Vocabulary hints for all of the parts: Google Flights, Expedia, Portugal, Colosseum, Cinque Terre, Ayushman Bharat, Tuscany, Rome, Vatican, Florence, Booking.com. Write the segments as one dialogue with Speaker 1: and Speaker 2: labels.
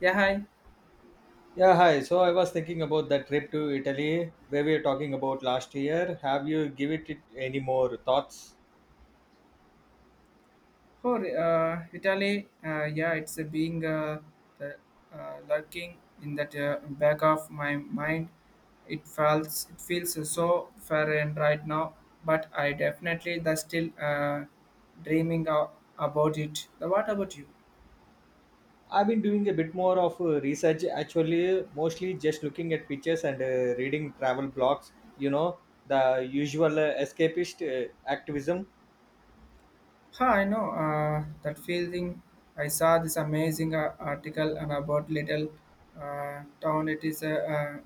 Speaker 1: Yeah, hi.
Speaker 2: Yeah, hi. So I was thinking about that trip to Italy where we were talking about last year. Have you given it any more thoughts?
Speaker 1: For Italy, yeah, it's being the, lurking in that back of my mind. It feels so foreign right now, but I definitely the still dreaming about it. What about you?
Speaker 2: I've been doing a bit more of research actually, mostly just looking at pictures and reading travel blogs, you know, the usual escapist activism.
Speaker 1: Huh, I know that feeling. I saw this amazing article and about little town. It is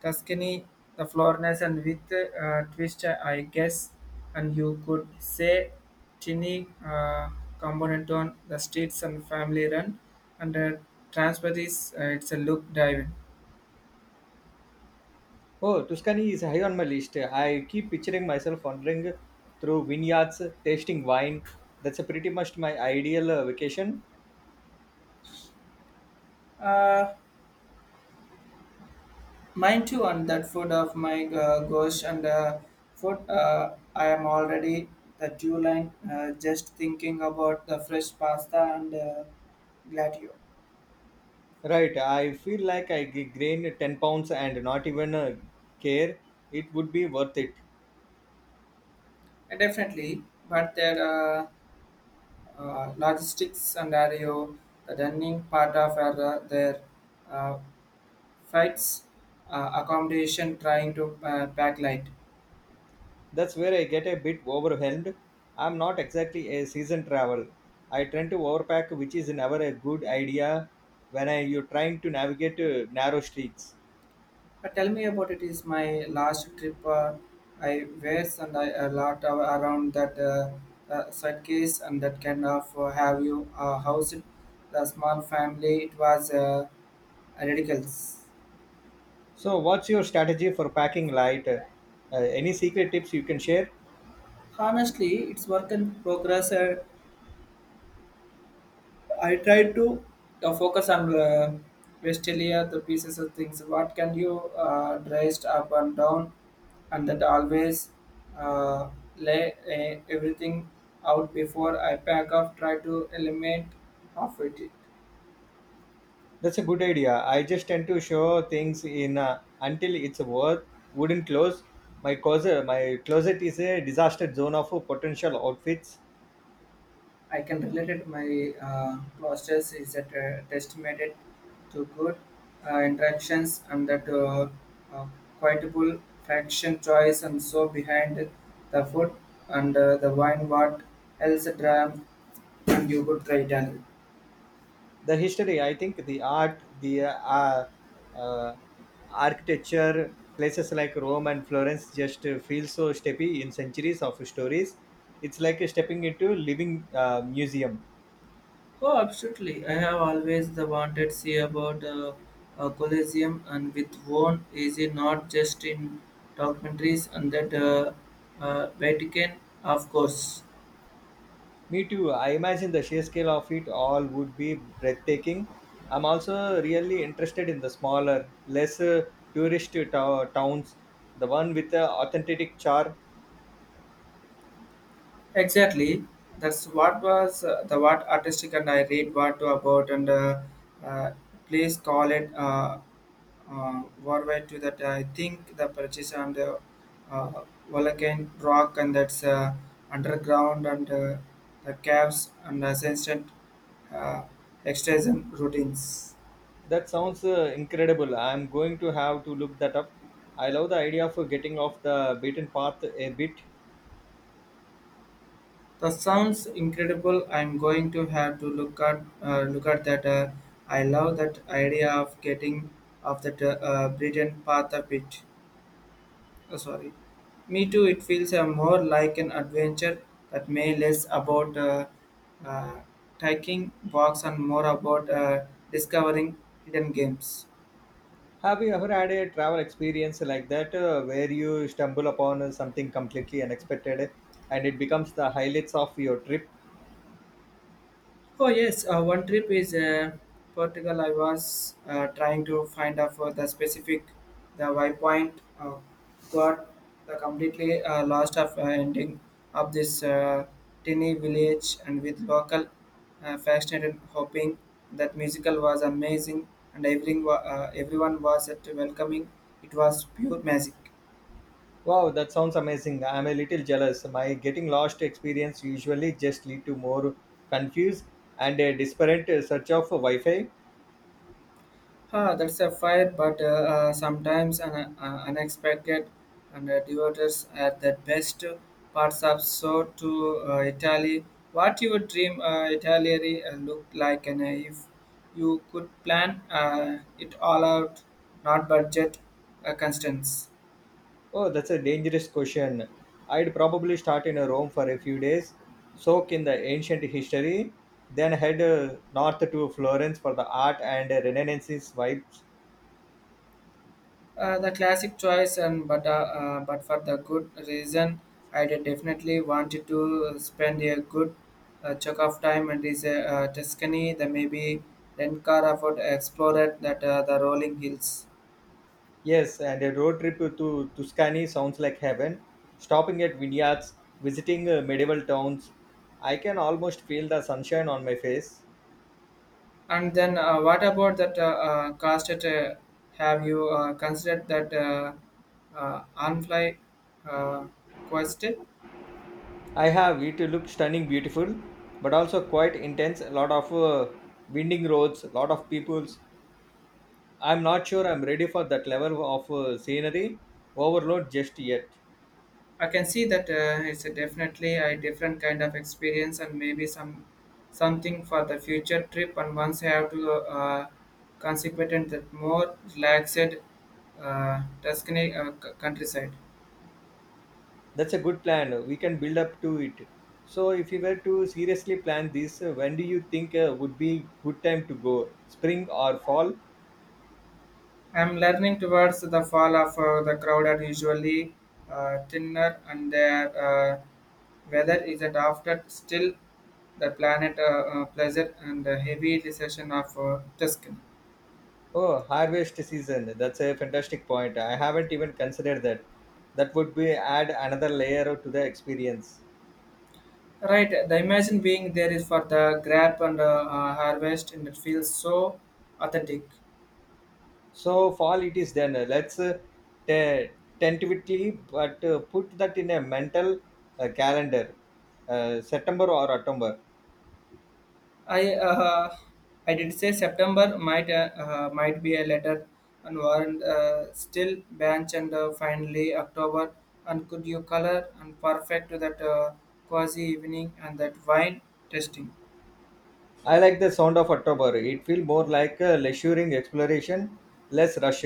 Speaker 1: Tuscany, the Florence, and with twist, I guess, and you could say tiny component on the streets and family run, and transport is it's a look diving.
Speaker 2: Oh, Tuscany is high on my list. I keep picturing myself wandering through vineyards, tasting wine. That's a pretty much my ideal vacation.
Speaker 1: Uh, Mine too, on that foot of my ghost and food. I am already the dew line. Just thinking about the fresh pasta and gladio.
Speaker 2: Right, I feel like I gain 10 pounds and not even care. It would be worth it.
Speaker 1: Definitely, but there are logistics and are the running part of our, their uh, flights, accommodation, trying to pack light.
Speaker 2: That's where I get a bit overwhelmed. I'm not exactly a season travel. I tend to overpack, which is never a good idea when I, you're trying to navigate narrow streets.
Speaker 1: Tell me about it. Is my last trip I wears and I a lot of, around that suitcase and that kind of have you housed the small family. It was ridiculous.
Speaker 2: So, what's your strategy for packing light? Any secret tips you can share?
Speaker 1: Honestly, it's work in progress. I tried to focus on Vestelia, the pieces of things. What can you dressed up and down, and that always uh, lay everything out before I pack up. Try to eliminate half it.
Speaker 2: That's a good idea. I just tend to show things in until it's worth wooden clothes. My closet is a disaster zone of potential outfits.
Speaker 1: I can relate it. My postures is that testament to good interactions and that uh, quotable fraction choice and so behind the food and the wine what else dram and you could try it.
Speaker 2: The history, I think, the art, the uh, architecture, places like Rome and Florence just feel so steppy in centuries of stories. It's like stepping into living museum.
Speaker 1: Oh, absolutely. I have always the wanted see about Colosseum and with one is it not just in documentaries and that Vatican, of course.
Speaker 2: Me too. I imagine the sheer scale of it all would be breathtaking. I'm also really interested in the smaller, less towns, the one with the authentic char.
Speaker 1: Exactly. That's what was the what artistic and I read what to about and uh, please call it worldwide to that. I think the purchase and the uh, volcanic rock and that's underground and the caves and assistant uh, extraction routines.
Speaker 2: That sounds incredible. I'm going to have to look that up. I love the idea of getting off the beaten path a bit.
Speaker 1: That sounds incredible. I'm going to have to look at that. I love that idea of getting off that beaten path a bit. Sorry, me too. It feels more like an adventure that may less about uh, taking walks and more about discovering hidden games.
Speaker 2: Have you ever had a travel experience like that where you stumble upon something completely unexpected and it becomes the highlights of your trip?
Speaker 1: Oh yes, one trip is Portugal. I was trying to find out for the specific the why point. Uh, got the completely lost of ending of this tiny village and with local fascinated hoping that musical was amazing and everyone was at welcoming. It was pure magic.
Speaker 2: Wow, that sounds amazing. I'm a little jealous. My getting lost experience usually just lead to more confused and a disparate search of Wi-Fi.
Speaker 1: Ah, that's a fire, but sometimes an, unexpected and devotees are the best parts of so to Italy. What you would dream Italy looked like, and if you could plan it all out, not budget constraints.
Speaker 2: Oh, that's a dangerous question. I'd probably start in Rome for a few days, soak in the ancient history, then head north to Florence for the art and Renaissance vibes.
Speaker 1: The classic choice, and but for the good reason, I did definitely wanted to spend a good chunk of time and is Tuscany, the maybe rent car afford explored that the rolling hills.
Speaker 2: Yes, and a road trip to Tuscany sounds like heaven. Stopping at vineyards, visiting medieval towns. I can almost feel the sunshine on my face.
Speaker 1: And then what about that cost? It, have you considered that on-fly uh, quest?
Speaker 2: I have. It looks stunning, beautiful, but also quite intense. A lot of winding roads, a lot of peoples. I'm not sure I'm ready for that level of scenery overload just yet.
Speaker 1: I can see that it's a definitely a different kind of experience and maybe some something for the future trip. And once I have to consequent that more relaxed Tuscany countryside.
Speaker 2: That's a good plan. We can build up to it. So, if you were to seriously plan this, when do you think would be good time to go? Spring or fall?
Speaker 1: I'm learning towards the fall of the crowd are usually thinner and their weather is that after still the planet pleasure and the heavy recession of Tuscany.
Speaker 2: Oh, harvest season. That's a fantastic point. I haven't even considered that. That would be add another layer to the experience.
Speaker 1: Right, the imagine being there is for the grab and harvest, and it feels so authentic.
Speaker 2: So fall it is then. Let's te- tentatively, but put that in a mental calendar. September or October.
Speaker 1: I uh, I did say September might be a letter and warrant still bench and finally October and could you color and perfect to that quasi evening and that wine tasting.
Speaker 2: I like the sound of October. It feels more like a leisuring exploration, less rushed.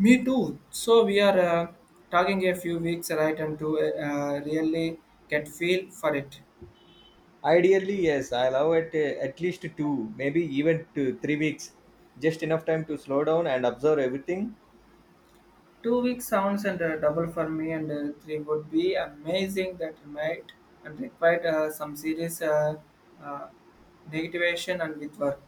Speaker 1: Me too. So we are talking a few weeks right and to really get feel for it.
Speaker 2: Ideally, yes, I allow it at least two, maybe even two, three weeks, just enough time to slow down and observe everything.
Speaker 1: 2 weeks sounds and double for me, and three would be amazing. That might and require some serious uh, negativation and with work.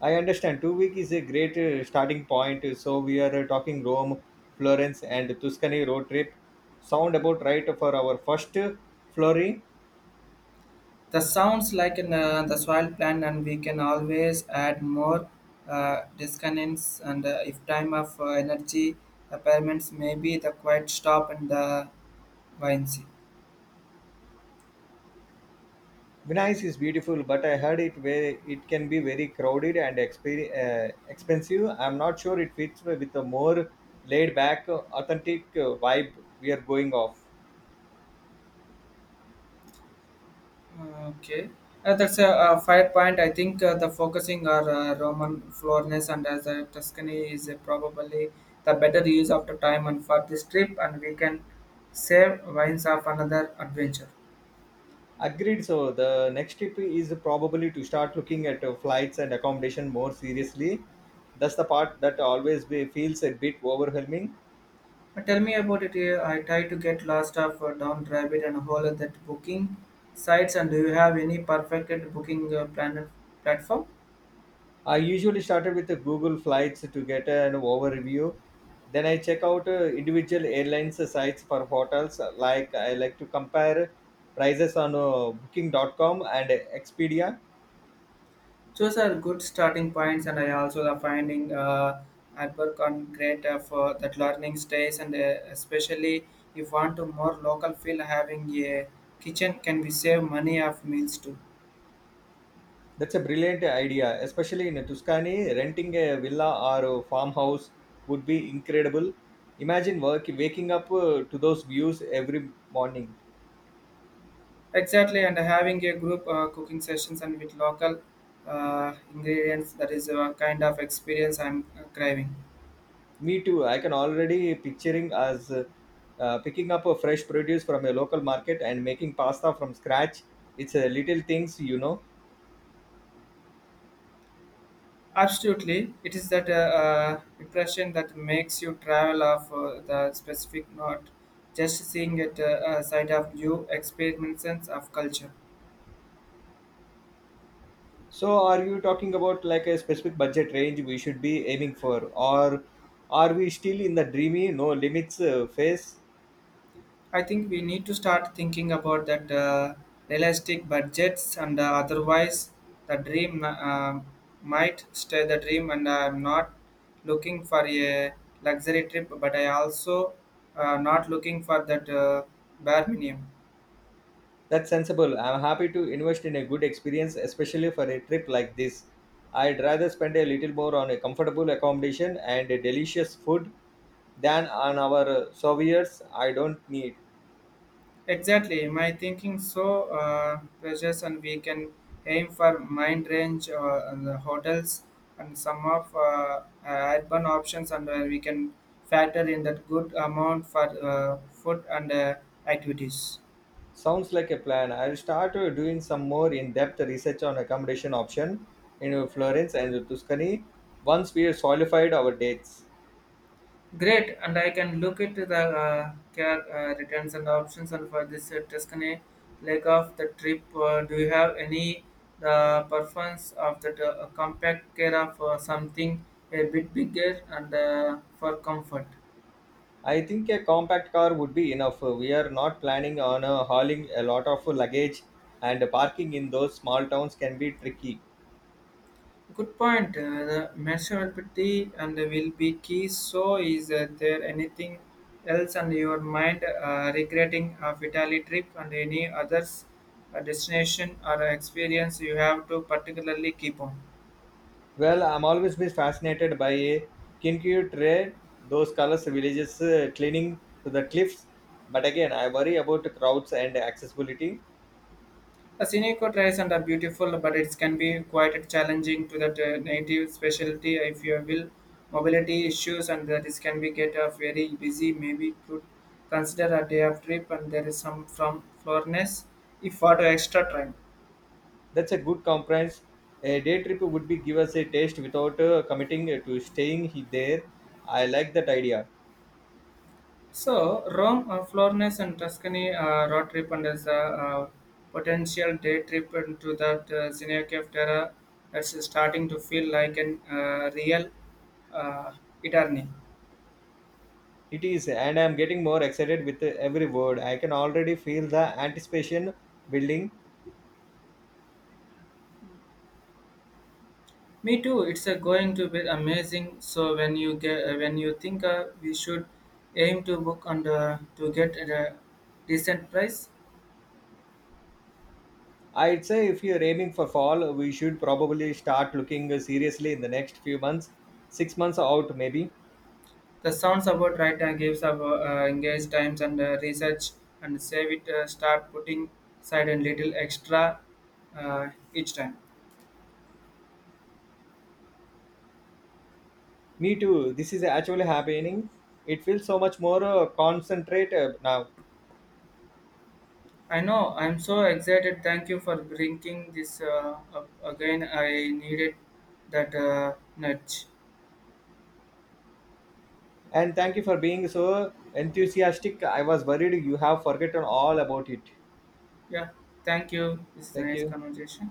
Speaker 2: I understand. Two week is a great starting point. So we are talking Rome, Florence, and Tuscany road trip. Sound about right for our first flurry.
Speaker 1: The sounds like in the soil plan, and we can always add more disconnects. And if time of energy, the pyramids may be the quiet stop and the vine.
Speaker 2: Venice is beautiful, but I heard it very, it can be very crowded and expensive. I'm not sure it fits with a more laid back, authentic vibe we are going off.
Speaker 1: Okay, that's a, fair point. I think the focusing on Roman Florence and as a Tuscany is probably the better use of the time and for this trip, and we can save wines of another adventure.
Speaker 2: Agreed. So the next tip is probably to start looking at flights and accommodation more seriously. That's the part that always be, feels a bit overwhelming.
Speaker 1: But tell me about it. I try to get lost of down rabbit and hole at that booking sites, and do you have any perfect booking plan platform?
Speaker 2: I usually started with the Google Flights to get an overview. Then I check out individual airlines sites for hotels. Like I like to compare prices on Booking.com and Expedia.
Speaker 1: Those are good starting points, and I also the finding I work on great for that learning stays, and especially if want to more local feel, having a kitchen can be save money of meals too.
Speaker 2: That's a brilliant idea, especially in Tuscany. Renting a villa or a farmhouse would be incredible. Imagine work, waking up to those views every morning.
Speaker 1: Exactly, and having a group cooking sessions and with local ingredients, that is a kind of experience I'm craving.
Speaker 2: Me too. I can already picturing us picking up a fresh produce from a local market and making pasta from scratch. It's a little things, you know.
Speaker 1: Absolutely, it is that impression that makes you travel of the specific, not just seeing it side of new experiments of culture.
Speaker 2: So, are you talking about like a specific budget range we should be aiming for, or are we still in the dreamy no limits phase?
Speaker 1: I think we need to start thinking about that realistic budgets, and otherwise, the dream might stay the dream. And I'm not looking for a luxury trip, but I also not looking for that bare minimum.
Speaker 2: That's sensible. I'm happy to invest in a good experience, especially for a trip like this. I'd rather spend a little more on a comfortable accommodation and a delicious food than on our souvenirs I don't need.
Speaker 1: Exactly, my thinking so precious, and we can aim for mind range and the hotels and some of urban options, and where we can factor in that good amount for food and activities.
Speaker 2: Sounds like a plan. I'll start doing some more in-depth research on accommodation option in Florence and Tuscany once we have solidified our dates.
Speaker 1: Great, and I can look at the care returns and options. And for this Tuscany leg of the trip, do you have any the preference of the compact care of something a bit bigger and for comfort?
Speaker 2: I think a compact car would be enough. We are not planning on hauling a lot of luggage and parking in those small towns can be tricky.
Speaker 1: Good point. The maturity and will be key. So, is there anything else on your mind regretting a Vitali trip and any others destination or experience you have to particularly keep on?
Speaker 2: Well, I'm always been fascinated by a Kinkyu trade, those colors villages clinging to the cliffs. But again, I worry about the crowds and accessibility.
Speaker 1: The Seneca tries and are beautiful, but it can be quite challenging to that native specialty if you will mobility issues and that is can be get a very busy. Maybe could consider a day of trip and there is some from Florence if for the extra time.
Speaker 2: That's a good compromise. A day trip would be give us a taste without committing to staying there. I like that idea.
Speaker 1: So Rome, Florence and Tuscany road trip and as a uh, potential day trip into that Seneca of Terra that's starting to feel like an real uh, eternity.
Speaker 2: It is, and I'm getting more excited with every word. I can already feel the anticipation building.
Speaker 1: Me too. It's going to be amazing. So when you get when you think we should aim to book and to get at a decent price,
Speaker 2: I'd say if you're aiming for fall, we should probably start looking seriously in the next few months, six months out maybe.
Speaker 1: the sounds about right and gives up engage times and research and save it. Start putting side a little extra uh, each time.
Speaker 2: Me too. This is actually happening. It feels so much more concentrate now.
Speaker 1: I know. I'm so excited. Thank you for bringing this up again. I needed that nudge.
Speaker 2: And thank you for being so enthusiastic. I was worried you have forgotten all about it.
Speaker 1: Yeah. Thank you. It's
Speaker 2: Thank
Speaker 1: nice
Speaker 2: you.
Speaker 1: conversation.